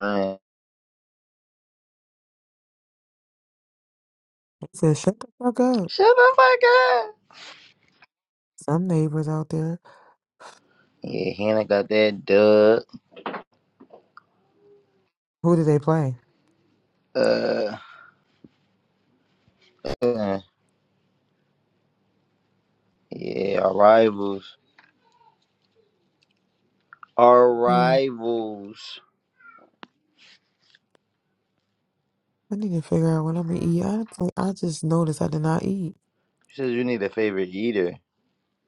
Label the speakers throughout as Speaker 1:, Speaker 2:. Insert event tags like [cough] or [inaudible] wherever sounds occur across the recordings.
Speaker 1: Uh,
Speaker 2: He said, shut the fuck up.
Speaker 1: Shut the fuck up.
Speaker 2: Some neighbors out there.
Speaker 1: Yeah, Hannah got that dub.
Speaker 2: Who did they play?
Speaker 1: Uh, uh, yeah, arrivals.
Speaker 2: Hmm.
Speaker 1: Arrivals.
Speaker 2: I need to figure out when I'm gonna eat. I, I just noticed I did not eat.
Speaker 1: You said you need a favorite eater.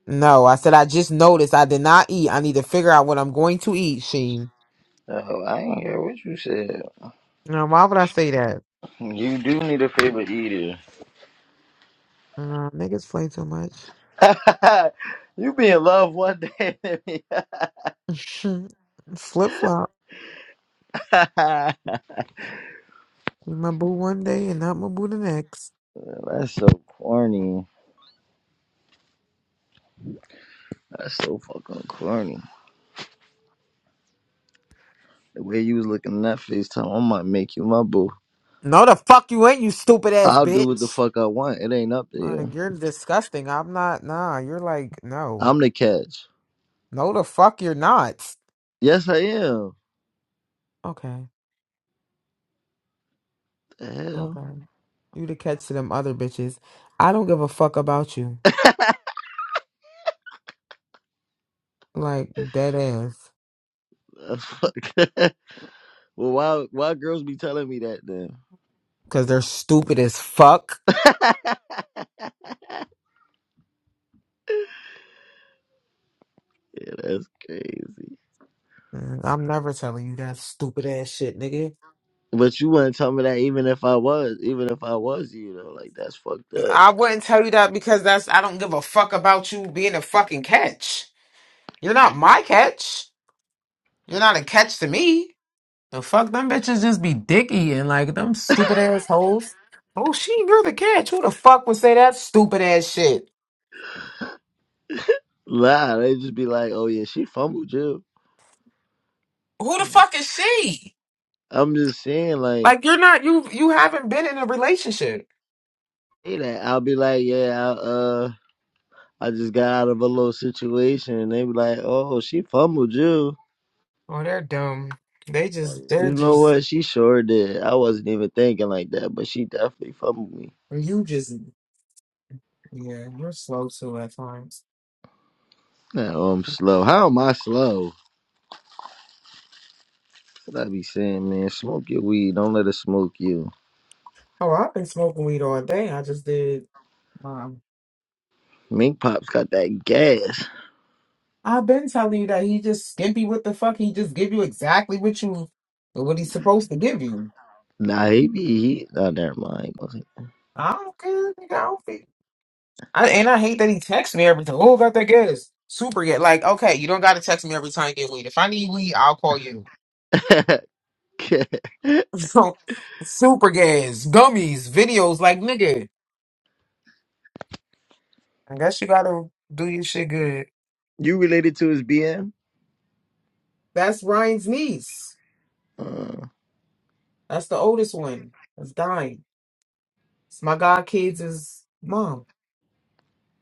Speaker 2: No, I said I just noticed I did not eat. I need to figure out what I'm going to eat, Sheen.
Speaker 1: Oh, I ain't hear what you said.
Speaker 2: No, why would I say that?
Speaker 1: You do need a favorite eater.
Speaker 2: Uh, niggas play too much.
Speaker 1: [laughs] you be in love one day. [laughs]
Speaker 2: [laughs] Flip flop.
Speaker 1: That's
Speaker 2: My boo one day and not my boo the next.
Speaker 1: so corny. That's so fucking corny. The way you was looking at that FaceTime, I might make you my boo.
Speaker 2: No, the fuck you ain't, you stupid ass
Speaker 1: I'll do what the
Speaker 2: bitch.
Speaker 1: fuck I want. It ain't up to you.
Speaker 2: Like, you're disgusting. I'm not, nah, you're like, no.
Speaker 1: I'm the catch.
Speaker 2: No, the fuck you're not.
Speaker 1: Yes, I am.
Speaker 2: Okay.
Speaker 1: The hell?
Speaker 2: Okay. You the catch to them other bitches. I don't give a fuck about you. Like, dead ass.
Speaker 1: The fuck? [laughs] well, why why girls be telling me that then?
Speaker 2: Cause they're stupid as fuck.
Speaker 1: [laughs] Yeah, that's crazy.
Speaker 2: Mm, I'm never telling you that stupid ass shit, nigga.
Speaker 1: But you wouldn't tell me that even if I was, even if I was you though. Like that's fucked
Speaker 2: And
Speaker 1: up.
Speaker 2: I wouldn't tell you that because that's, I don't give a fuck about you being a fucking catch. You're not my catch. You're not a catch to me. The fuck, them bitches just be dick eating like them stupid ass hoes. Oh, she, you're the catch. Who the fuck would say that stupid ass shit?
Speaker 1: Nah, they just be like, oh yeah, she fumbled you.
Speaker 2: Who the
Speaker 1: Like,
Speaker 2: fuck is she?
Speaker 1: I'm just saying, like,
Speaker 2: Like you're not you you haven't been in a relationship.
Speaker 1: hey, that I'll be like, yeah, I, uh, I just got out of a little situation, and they be like, oh, she fumbled you.
Speaker 2: Oh, they're dumb. They just they're
Speaker 1: You know
Speaker 2: just
Speaker 1: what? She sure did. I wasn't even thinking like that, but she definitely fumbled me.
Speaker 2: you just yeah, you're slow too at times.
Speaker 1: No, I'm slow. How am I slow? That's What I be saying, man? Smoke your weed. Don't let it smoke you.
Speaker 2: Oh, I've been smoking weed all day. I just did um
Speaker 1: Mink Pop's got that gas.
Speaker 2: I've been telling you that he just skimpy with the fuck. He just give you exactly what you what he's supposed to give you.
Speaker 1: Nah, he be. He, oh, never mind.
Speaker 2: I don't care, nigga. I don't feel I, and I hate that he texts me every time. Oh, about that gas. Super yet. Like, okay, you don't gotta text me every time you get weed. If I need weed, I'll call you.
Speaker 1: [laughs]
Speaker 2: [laughs] Super gas, gummies, videos like nigga. I guess you gotta do your shit good.
Speaker 1: you related to his BM?
Speaker 2: That's Ryan's niece.
Speaker 1: Uh,
Speaker 2: That's the oldest one. That's dying. It's my god kids is mom.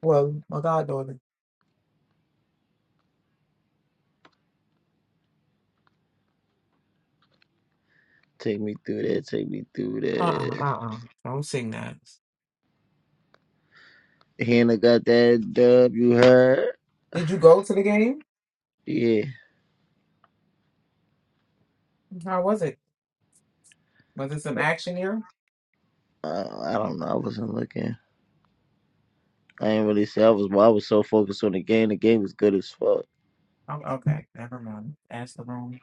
Speaker 2: Well, my goddaughter.
Speaker 1: take me through that. Take me through
Speaker 2: Uh uh
Speaker 1: that.
Speaker 2: uh uh. Don't sing that.
Speaker 1: Hannah got that dub. You heard?
Speaker 2: Did you go to the game?
Speaker 1: Yeah.
Speaker 2: How was it? Was it some action here?
Speaker 1: Uh, I don't know. I wasn't looking. I ain't really see. I was. I was so focused on the game. The game was good as fuck.
Speaker 2: Oh, okay, never mind. Ask the wrong.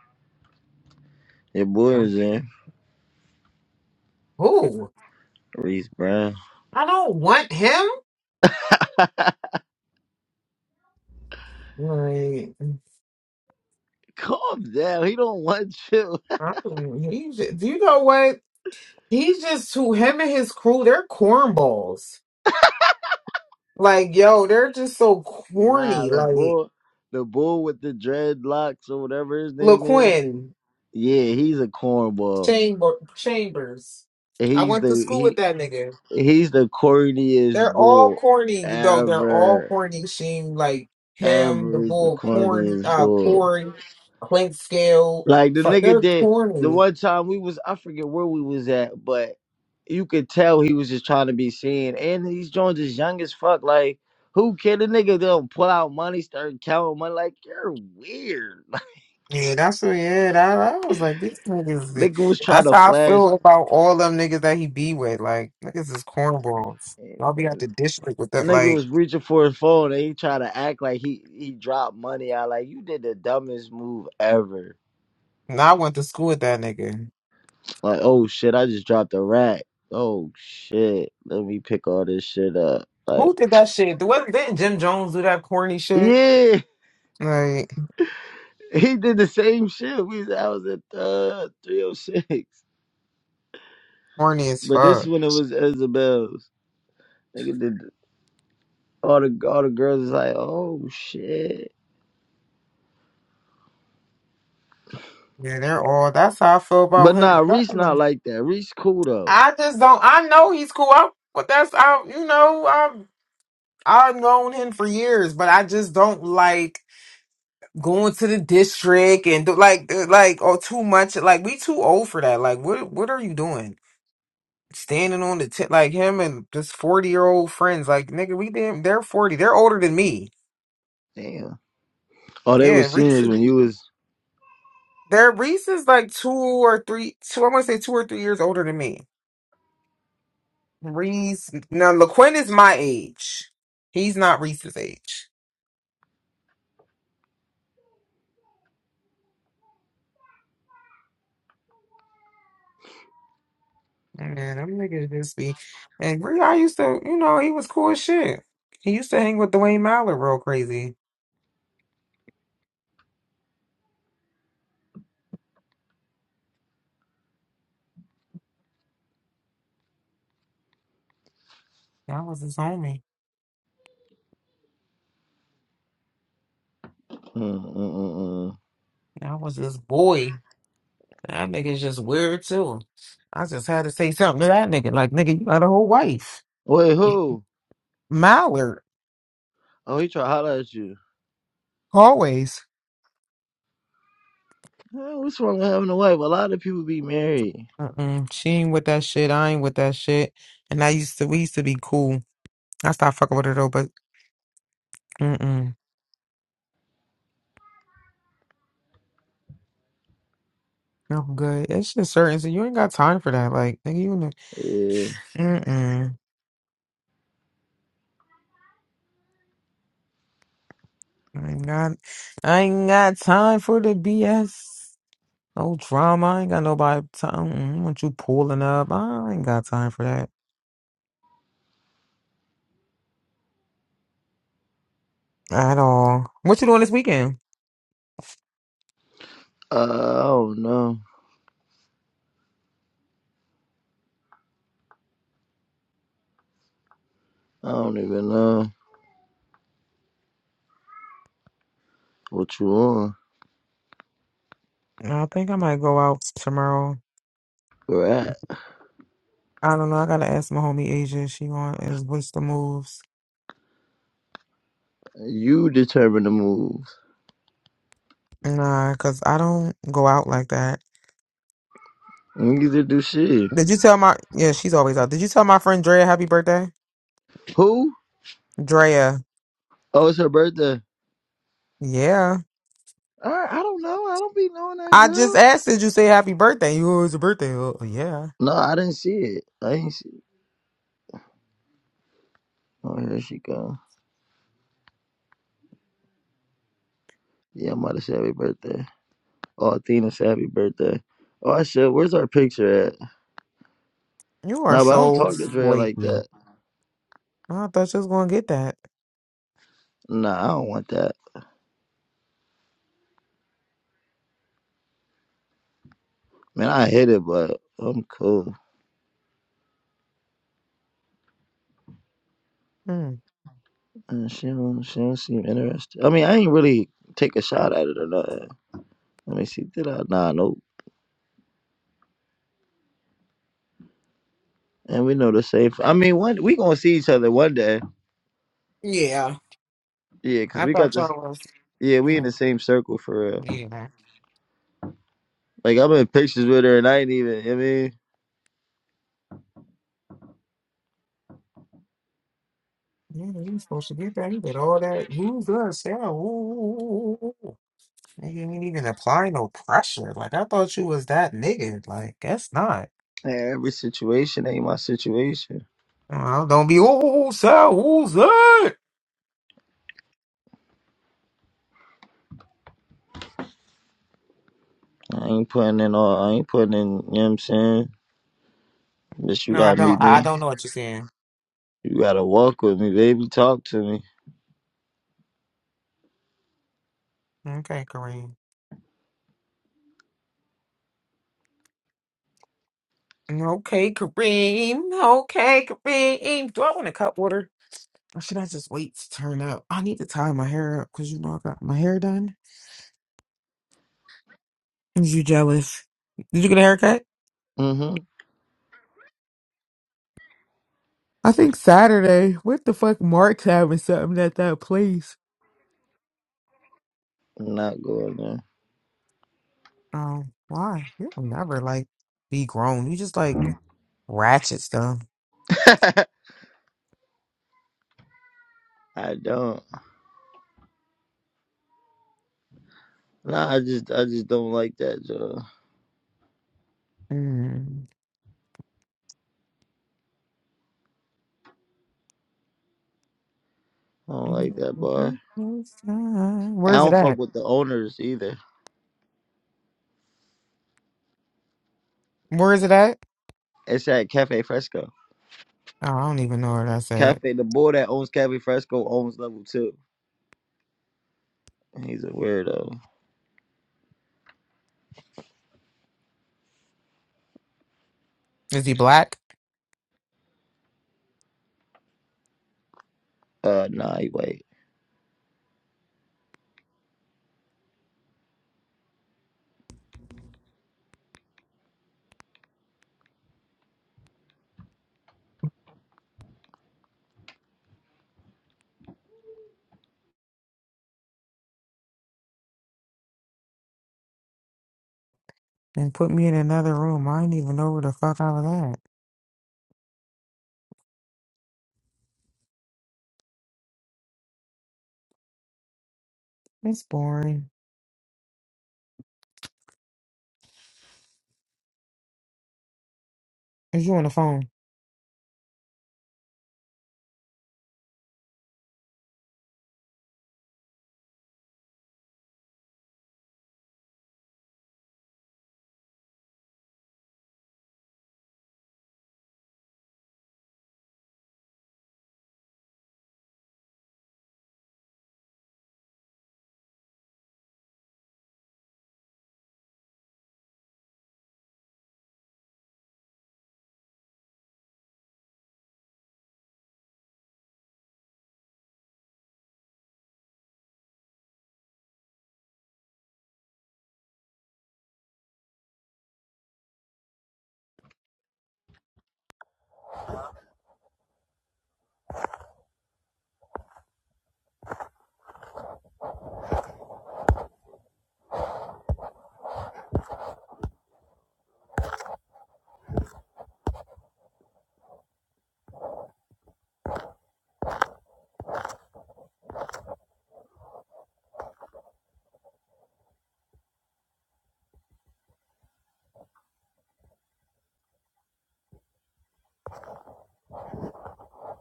Speaker 1: Your boy was
Speaker 2: person.
Speaker 1: in.
Speaker 2: Who?
Speaker 1: Reese Brown.
Speaker 2: I don't want him.
Speaker 1: [laughs]
Speaker 2: Like,
Speaker 1: Calm down. He don't want you.
Speaker 2: I don't- even- he- should- do you know what? He's just too him and his crew, they're cornballs. Like, yo, they're just so
Speaker 1: Nah,
Speaker 2: corny.
Speaker 1: the
Speaker 2: Like
Speaker 1: boy, the boy with the dreadlocks or whatever his name is.
Speaker 2: LaQuinn
Speaker 1: Yeah, he's a cornball.
Speaker 2: Chamber Chambers. I
Speaker 1: He's
Speaker 2: went to
Speaker 1: the
Speaker 2: school with
Speaker 1: he
Speaker 2: that nigga.
Speaker 1: he's the corniest
Speaker 2: They're all
Speaker 1: bull
Speaker 2: corny though. They're all
Speaker 1: ever.
Speaker 2: corny. She like him, the
Speaker 1: Ever is the
Speaker 2: bull corny,
Speaker 1: corniest
Speaker 2: uh
Speaker 1: bull.
Speaker 2: Corey, Clint Scale.
Speaker 1: Like the
Speaker 2: Fuck,
Speaker 1: nigga
Speaker 2: they're
Speaker 1: did the
Speaker 2: corny.
Speaker 1: one time we was I forget where we was at, but you could tell he was just trying to be seen. And these joints is young as fuck. Like who care? The nigga don't pull out money, start counting money. Like you're weird. [laughs]
Speaker 2: Yeah, that's what. Yeah, that, I was like, these niggas. be-
Speaker 1: Nigga was trying
Speaker 2: That's
Speaker 1: to
Speaker 2: how I
Speaker 1: flash
Speaker 2: feel about all them niggas that he be with. Like, niggas is cornballs. Y'all be at the district with that.
Speaker 1: Nigga
Speaker 2: Like,
Speaker 1: was reaching for his phone and he tried to act like he he dropped money out. Like you did the dumbest move ever.
Speaker 2: now I went to school with that nigga.
Speaker 1: Like oh shit, I just dropped a rack. Oh shit, let me pick all this shit up. Like
Speaker 2: Who did that shit? What, didn't Jim Jones do that corny shit?
Speaker 1: yeah,
Speaker 2: Like,
Speaker 1: [laughs] he did the same shit. We was- I was at uh, 306,
Speaker 2: corny as
Speaker 1: but this
Speaker 2: fuck.
Speaker 1: one it was Isabel's. Nigga did all the all the girls is like oh shit.
Speaker 2: Yeah, they're all. That's how I feel about
Speaker 1: But
Speaker 2: him.
Speaker 1: nah, Reese not like that. Reese cool though.
Speaker 2: I just don't. I know he's cool. I, but that's I. You know, I've I've known him for years, but I just don't like. going to the district and do, like uh, like or too much like we too old for that like what what are you doing standing on the tent like him and just 40 year old friends like nigga we damn they're 40 they're older than me
Speaker 1: Damn. Oh, they were
Speaker 2: yeah Reese
Speaker 1: seniors
Speaker 2: is-
Speaker 1: when you was.
Speaker 2: they're Reese is like two or three two I want to say two or three years older than me Reese now LaQuinn is my age he's not Reese's age man them niggas just be and Ree I used to you know he was cool as shit he used to hang with Dwayne Mallett real crazy That was his homie.
Speaker 1: Mm, mm, mm, mm.
Speaker 2: That was his boy. That nigga's just weird too. I just had to say something to that nigga. Like, nigga, you got a whole wife.
Speaker 1: Wait,
Speaker 2: You-
Speaker 1: who?
Speaker 2: Mallard.
Speaker 1: Oh, he try to holler at you.
Speaker 2: Always.
Speaker 1: Eh, what's wrong with having a wife? A lot of people be married.
Speaker 2: Mm-mm. She ain't with that shit. I ain't with that shit. And I used to, we used to be cool. I stopped fucking with her though, but mm-mm. No good. It's just certain. So you ain't got time for that. Like, nigga, you, in the-
Speaker 1: Yeah.
Speaker 2: mm-mm. I ain't got, I ain't got time for the BS. No drama. I ain't got nobody time. Mm, I want you pulling up. I ain't got time for that at all. What you doing this weekend?
Speaker 1: Uh, I don't know. I don't even know what you on.
Speaker 2: I think I might go out tomorrow.
Speaker 1: Right.
Speaker 2: I don't know. I gotta ask my homie Asia. She going is what's the moves?
Speaker 1: You determine the moves.
Speaker 2: Nah, cause I don't go out like that.
Speaker 1: You get to do shit.
Speaker 2: Did you tell my? Yeah, she's always out. Did you tell my friend Drea happy birthday?
Speaker 1: Who?
Speaker 2: Drea.
Speaker 1: Oh, it's her birthday.
Speaker 2: Yeah.
Speaker 1: I, I don't know. I don't be knowing that
Speaker 2: I just
Speaker 1: girl.
Speaker 2: asked. Did you say happy birthday? You "Oh, it's a birthday. Oh, oh, yeah.
Speaker 1: No, I didn't see it. I didn't see it. Oh, here she go. Yeah, mother's happy birthday. Oh, Athena's happy birthday. Oh, I shit. Where's our picture at?
Speaker 2: You are
Speaker 1: No, but I don't
Speaker 2: so
Speaker 1: talk to Dre like
Speaker 2: flaky.
Speaker 1: that.
Speaker 2: I thought you was gonna get that.
Speaker 1: Nah, I don't want that. Man, I hit it, but I'm cool.
Speaker 2: Hmm.
Speaker 1: And she don't, she don't seem interested. I mean, I ain't really take a shot at it or nothing. Let me see, did I? Nah, nope. And we know the same. I mean, one we gonna see each other one day. Yeah, cause
Speaker 2: I
Speaker 1: we got
Speaker 2: thought
Speaker 1: this.
Speaker 2: y'all was,
Speaker 1: Yeah,
Speaker 2: you
Speaker 1: we in the
Speaker 2: know,
Speaker 1: same circle for real.
Speaker 2: yeah.
Speaker 1: Like I'm in pictures with her, and I ain't even. I mean,
Speaker 2: Yeah, you supposed to get that. You did all that. Who's that sound? Ooh, ooh, ooh, ooh. ooh. And You didn't even apply no pressure. Like, I thought you was that nigga. Like, that's not.
Speaker 1: every situation ain't my situation.
Speaker 2: Well, don't be, oh, sound, who's that?
Speaker 1: I ain't putting in all. I ain't putting in. You know what I'm saying? Bitch, you
Speaker 2: No, I
Speaker 1: gotta
Speaker 2: don't.
Speaker 1: meet
Speaker 2: I I
Speaker 1: me.
Speaker 2: don't know what you're saying.
Speaker 1: You gotta walk with me, baby. Talk to me.
Speaker 2: Okay, Kareem. Okay, Kareem. Okay, Kareem. Do I want a cup water? Or should I just wait to turn up? I need to tie my hair up because you know I got my hair done. Is you jealous? Did you get a haircut?
Speaker 1: Mm-hmm.
Speaker 2: I think Saturday. What the fuck? Mark's having something at that place.
Speaker 1: I'm Not going there.
Speaker 2: Um, why? You'll never like be grown. You just like ratchet stuff.
Speaker 1: [laughs] I don't. Nah, I just I just don't like that job.
Speaker 2: Mm.
Speaker 1: I don't like that bar. I
Speaker 2: Where's it
Speaker 1: don't fuck
Speaker 2: at?
Speaker 1: with the owners either.
Speaker 2: Where is it at?
Speaker 1: It's at Cafe Fresco.
Speaker 2: Oh, I don't even know where that's at.
Speaker 1: Cafe the boy that owns Cafe Fresco owns level two. He's a weirdo.
Speaker 2: Is he black?
Speaker 1: Uh nah, he wait.
Speaker 2: Then put me in another room. I didn't even know where the fuck I was at. It's boring. Is you on the phone?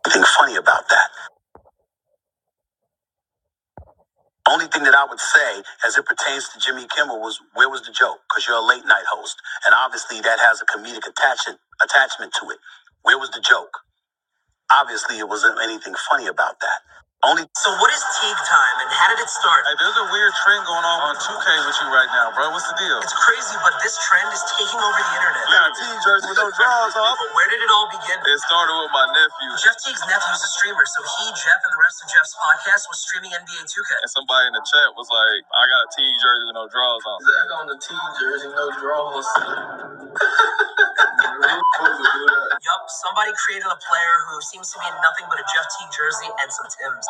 Speaker 1: Nothing funny about that. Only thing that I would say as it pertains to Jimmy Kimmel was where was the joke? Because you're a late night host. And obviously that has a comedic attachment attachment to it. Where was the joke? Obviously, it wasn't anything funny about that. Only. So what is Teague time, and how did it start? Hey, there's a weird trend going on on 2K with you right now, bro. What's the deal? It's crazy, but this trend is taking over the internet. Yeah, Teague jersey with no drawers off. But where did it all begin? It started with my nephew. Jeff Teague's nephew is a streamer, so he, Jeff, and the rest of Jeff's podcast was streaming NBA 2K. And somebody in the chat was like, "I got a Teague jersey with no drawers on." Yeah. Yup, somebody created a player who seems to be in nothing but a Jeff Teague jersey and some Tim's.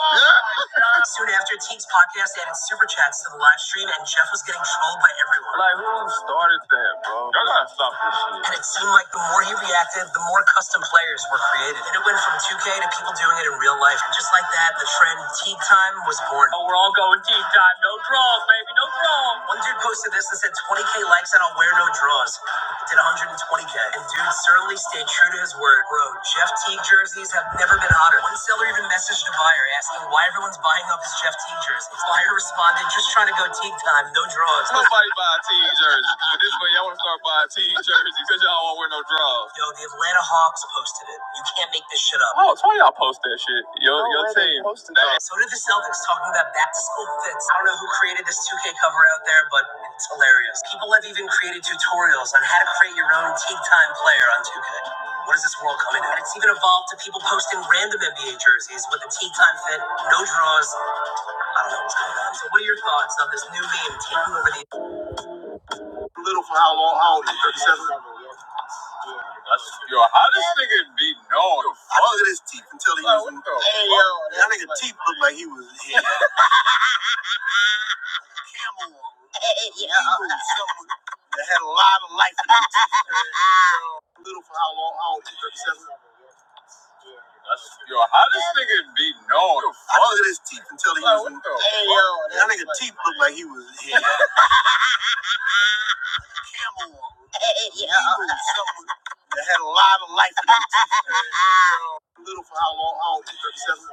Speaker 1: [laughs] Soon after, Teague's podcast added super chats to the live stream, and Jeff was getting trolled by everyone. Like, who started that, bro? Y'all gotta stop this shit. And it seemed like the more he reacted, the more custom players were created. And it went from 2K to people doing it in real life. And just like that, the trend Teague time was born. Oh, we're all going Teague time. No draws, baby, no draws. One dude posted this and said 20,000 20K likes and I'll wear no draws. Did 120K. And dude certainly stayed true to his word. Bro, Jeff Teague jerseys have never been hotter. One seller even messaged a buyer asking why everyone's buying up his Jeff Teague jerseys. Buyer responded, just trying to go Teague time, no draws. Nobody buy a Teague jersey. But this way, y'all want to start buying Teague jerseys because y'all won't wear no draws. Yo, the Atlanta Hawks posted. You can't make this shit up. Oh, it's why y'all post that shit. Your, No your team. that. So did the Celtics talking about back to school fits. I don't know who created this 2K cover out there, but it's hilarious. People have even created tutorials on how to create your own teak time player on 2K. What is this world coming to? And it's even evolved to people posting random NBA jerseys with a teak time fit, no draws. I don't know what's going on. So what are your thoughts on this new meme taking over the little for how long? How old are you? 37? yo, how this nigga be known? I look at his teeth until he Like, That nigga teeth looked like he was here. [laughs] For how long? How old? Yo, how this nigga be known? I looked at his teeth until he was. Like, That nigga teeth looked like he was here. [laughs] Life. How old? 37?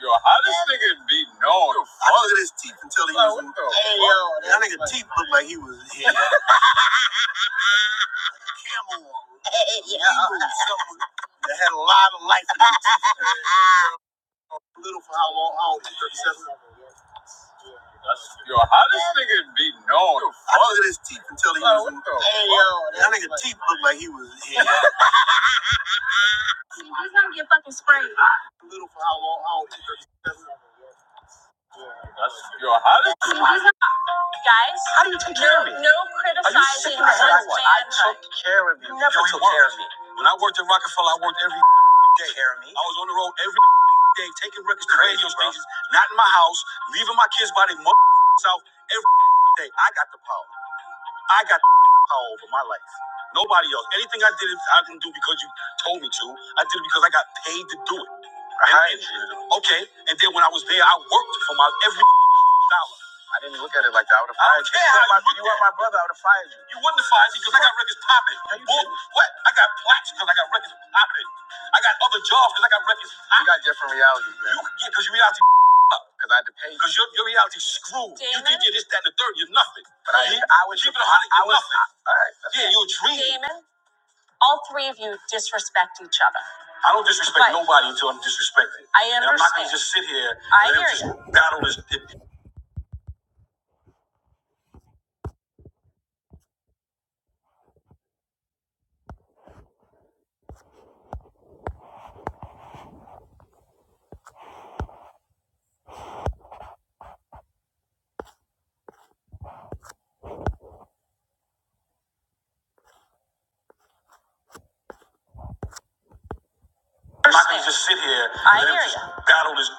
Speaker 1: Yo, how this nigga be known? I looked at his teeth until he was. Like, That nigga teeth looked like he was here. [laughs] Yeah. That had a lot of life in him. [laughs] Little for how long? How old? Yo, how this nigga be known? I looked at his teeth until he was. Like, That nigga teeth looked like he was here. That's your hottest. Guys, how do you take care of me? No criticizing Are you I took, never took care of me. When I worked at Rockefeller, I worked every day. Care of me? I was on the road every day, taking records to radio stations, not in my house, leaving my kids by their mother self every day. I got the power. I got the power over my life. Nobody else. Anything I did, I didn't do because you told me to. I did it because I got paid to do it. I hired you. Okay. And then when I was there, I worked for my every dollar. Look at it like that. I would have fired you. You were my, you were my brother. I would have fired you. You wouldn't have fired me because I got records popping. No, Bull- what? I got plaques because I got records popping. I got other jobs because I got records popping. You got different realities, man. You, yeah, because your reality up. Because I had to pay. you. Because your, your reality screwed. Damon? You think you're this, that, and the third. You're nothing. But I, Damon? I was. Keep it a hundred. You're nothing. all right. Yeah, you're a dream. Damon, all three of you disrespect each other. I don't disrespect Right. nobody until I'm disrespected. I understand. And I'm not going to just sit here. I and hear just you. Battle this. I can just sit here I and hear him just you. battle this.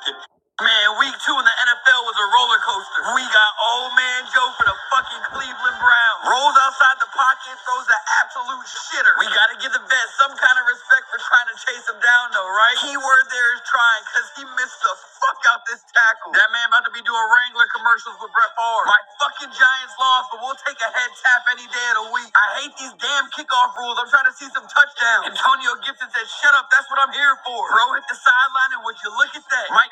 Speaker 1: That Mike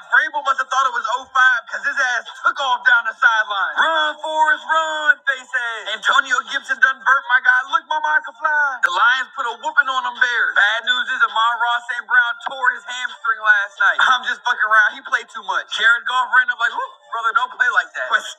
Speaker 1: question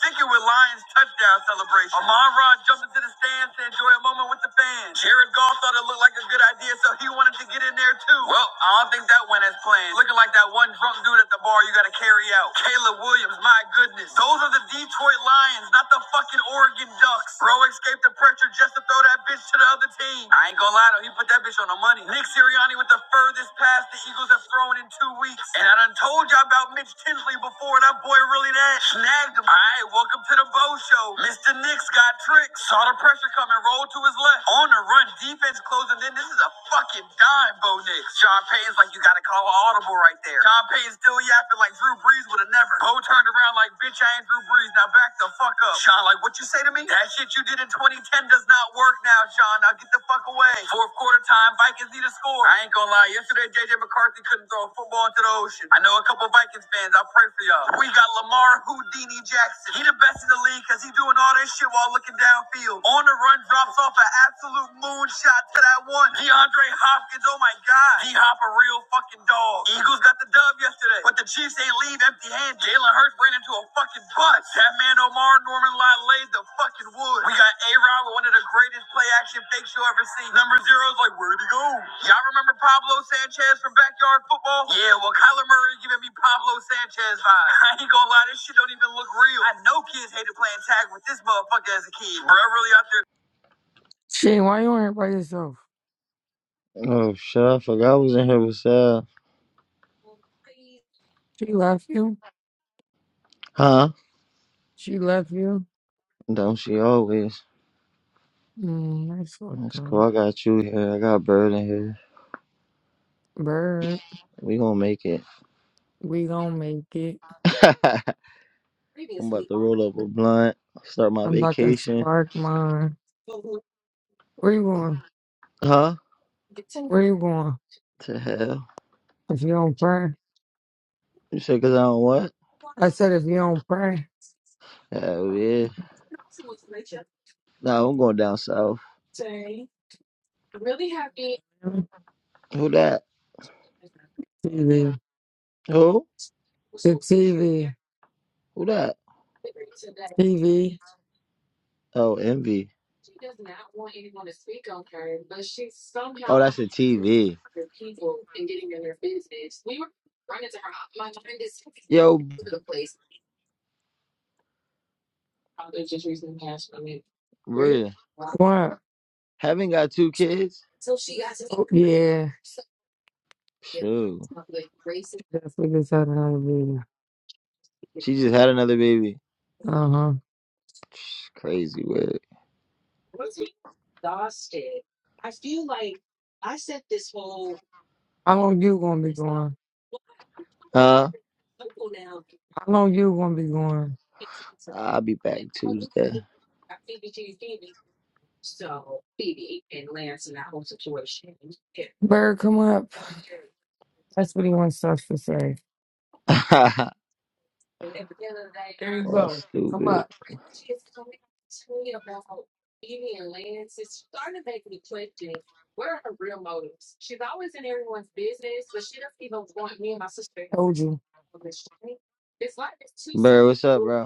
Speaker 1: with the fans. Jared Goff thought it looked like a good idea, so he wanted to get in there too. Well, I don't think that went as planned. Looking like that one drunk dude at the bar you gotta carry out. Caleb Williams, my goodness. Those are the Detroit Lions, not the fucking Oregon Ducks. Bro escaped the pressure just to throw that bitch to the other team. I ain't gonna lie though, he put that bitch on the money. Nick Sirianni with the furthest pass the Eagles have thrown in two weeks. And I done told y'all about Mitch Tinsley before, and that boy really that snagged him. All right, welcome to the Bo Show. Mr. Nix got tricked, saw the pressure coming, rolled to his left. On the run, defense closing in. This is a fucking dime, Bo Nix. Sean Payton's like, you gotta call an audible right there. Sean Payton still yapping like Drew Brees would have never. Bo turned around like, bitch, I ain't Drew Brees. Now back the fuck up. Like, what you say to me? That shit you did in 2010 does not work now, Sean. Now get the fuck away. Fourth quarter time, Vikings need a score. I ain't gonna lie. Yesterday, JJ McCarthy couldn't throw a football into the ocean. I know a couple Vikings fans. I'll pray for y'all. We got Lamar Houdini Jackson. He the best in the league because he doing all this shit while looking downfield. On the run, drops off an absolute moonshot to that one. DeAndre Hopkins. Oh my god. D Hop a real fucking dog. Eagles got the dub yesterday, but the Chiefs ain't leave empty handed. Jalen Hurts ran into a fucking bus. That man Omar Norman Lott laid the fucking wood. We got A Rod with one of the greatest play action fakes you'll ever see. Number zero's like, where'd he go? Y'all remember Pablo Sanchez from backyard football? Yeah, well, Kyler Murray giving me Pablo Sanchez vibes. [laughs] I ain't gonna lie, this shit don't even look real. I know kids hated playing tag with this motherfucker as a kid. Bro, really out there
Speaker 3: Shane, why you on here by yourself?
Speaker 1: Oh shit, I forgot I was in here with Sal.
Speaker 3: She left you.
Speaker 1: Huh?
Speaker 3: She left you.
Speaker 1: Don't she always?
Speaker 3: Mm, that's what
Speaker 1: That's cool.
Speaker 3: the
Speaker 1: I got you here. I got Bird in here.
Speaker 3: bird.
Speaker 1: We gonna make it.
Speaker 3: We gonna make it.
Speaker 1: [laughs] I'm about to roll up a blunt. Start my
Speaker 3: I'm about to
Speaker 1: vacation.
Speaker 3: spark mine. Where you going?
Speaker 1: Huh?
Speaker 3: Where you going?
Speaker 1: To hell.
Speaker 3: If you don't pray,
Speaker 1: You said cause I don't what?
Speaker 3: I said if you don't pray,
Speaker 1: Hell yeah. Nah, I'm going down south. Who that?
Speaker 3: TV,
Speaker 1: Who?
Speaker 3: the TV,
Speaker 1: Who that?
Speaker 3: TV.
Speaker 1: Oh, Envy. Oh, that's a TV. Yo, Bria.
Speaker 3: What?
Speaker 1: Haven't got two kids?
Speaker 3: Oh, yeah,
Speaker 1: Shoot.
Speaker 3: that's what this had another video.
Speaker 1: She just had another baby.
Speaker 3: Uh huh.
Speaker 1: Psh, Crazy word.
Speaker 3: How long you gonna be going?
Speaker 1: Huh?
Speaker 3: How long you gonna be going?
Speaker 1: I'll be back Tuesday.
Speaker 3: Bird, come up. That's what he wants us to say.
Speaker 1: [laughs] oh,
Speaker 3: There you go. Come
Speaker 1: stupid.
Speaker 3: up. Told you.
Speaker 1: Bird, what's up, bro?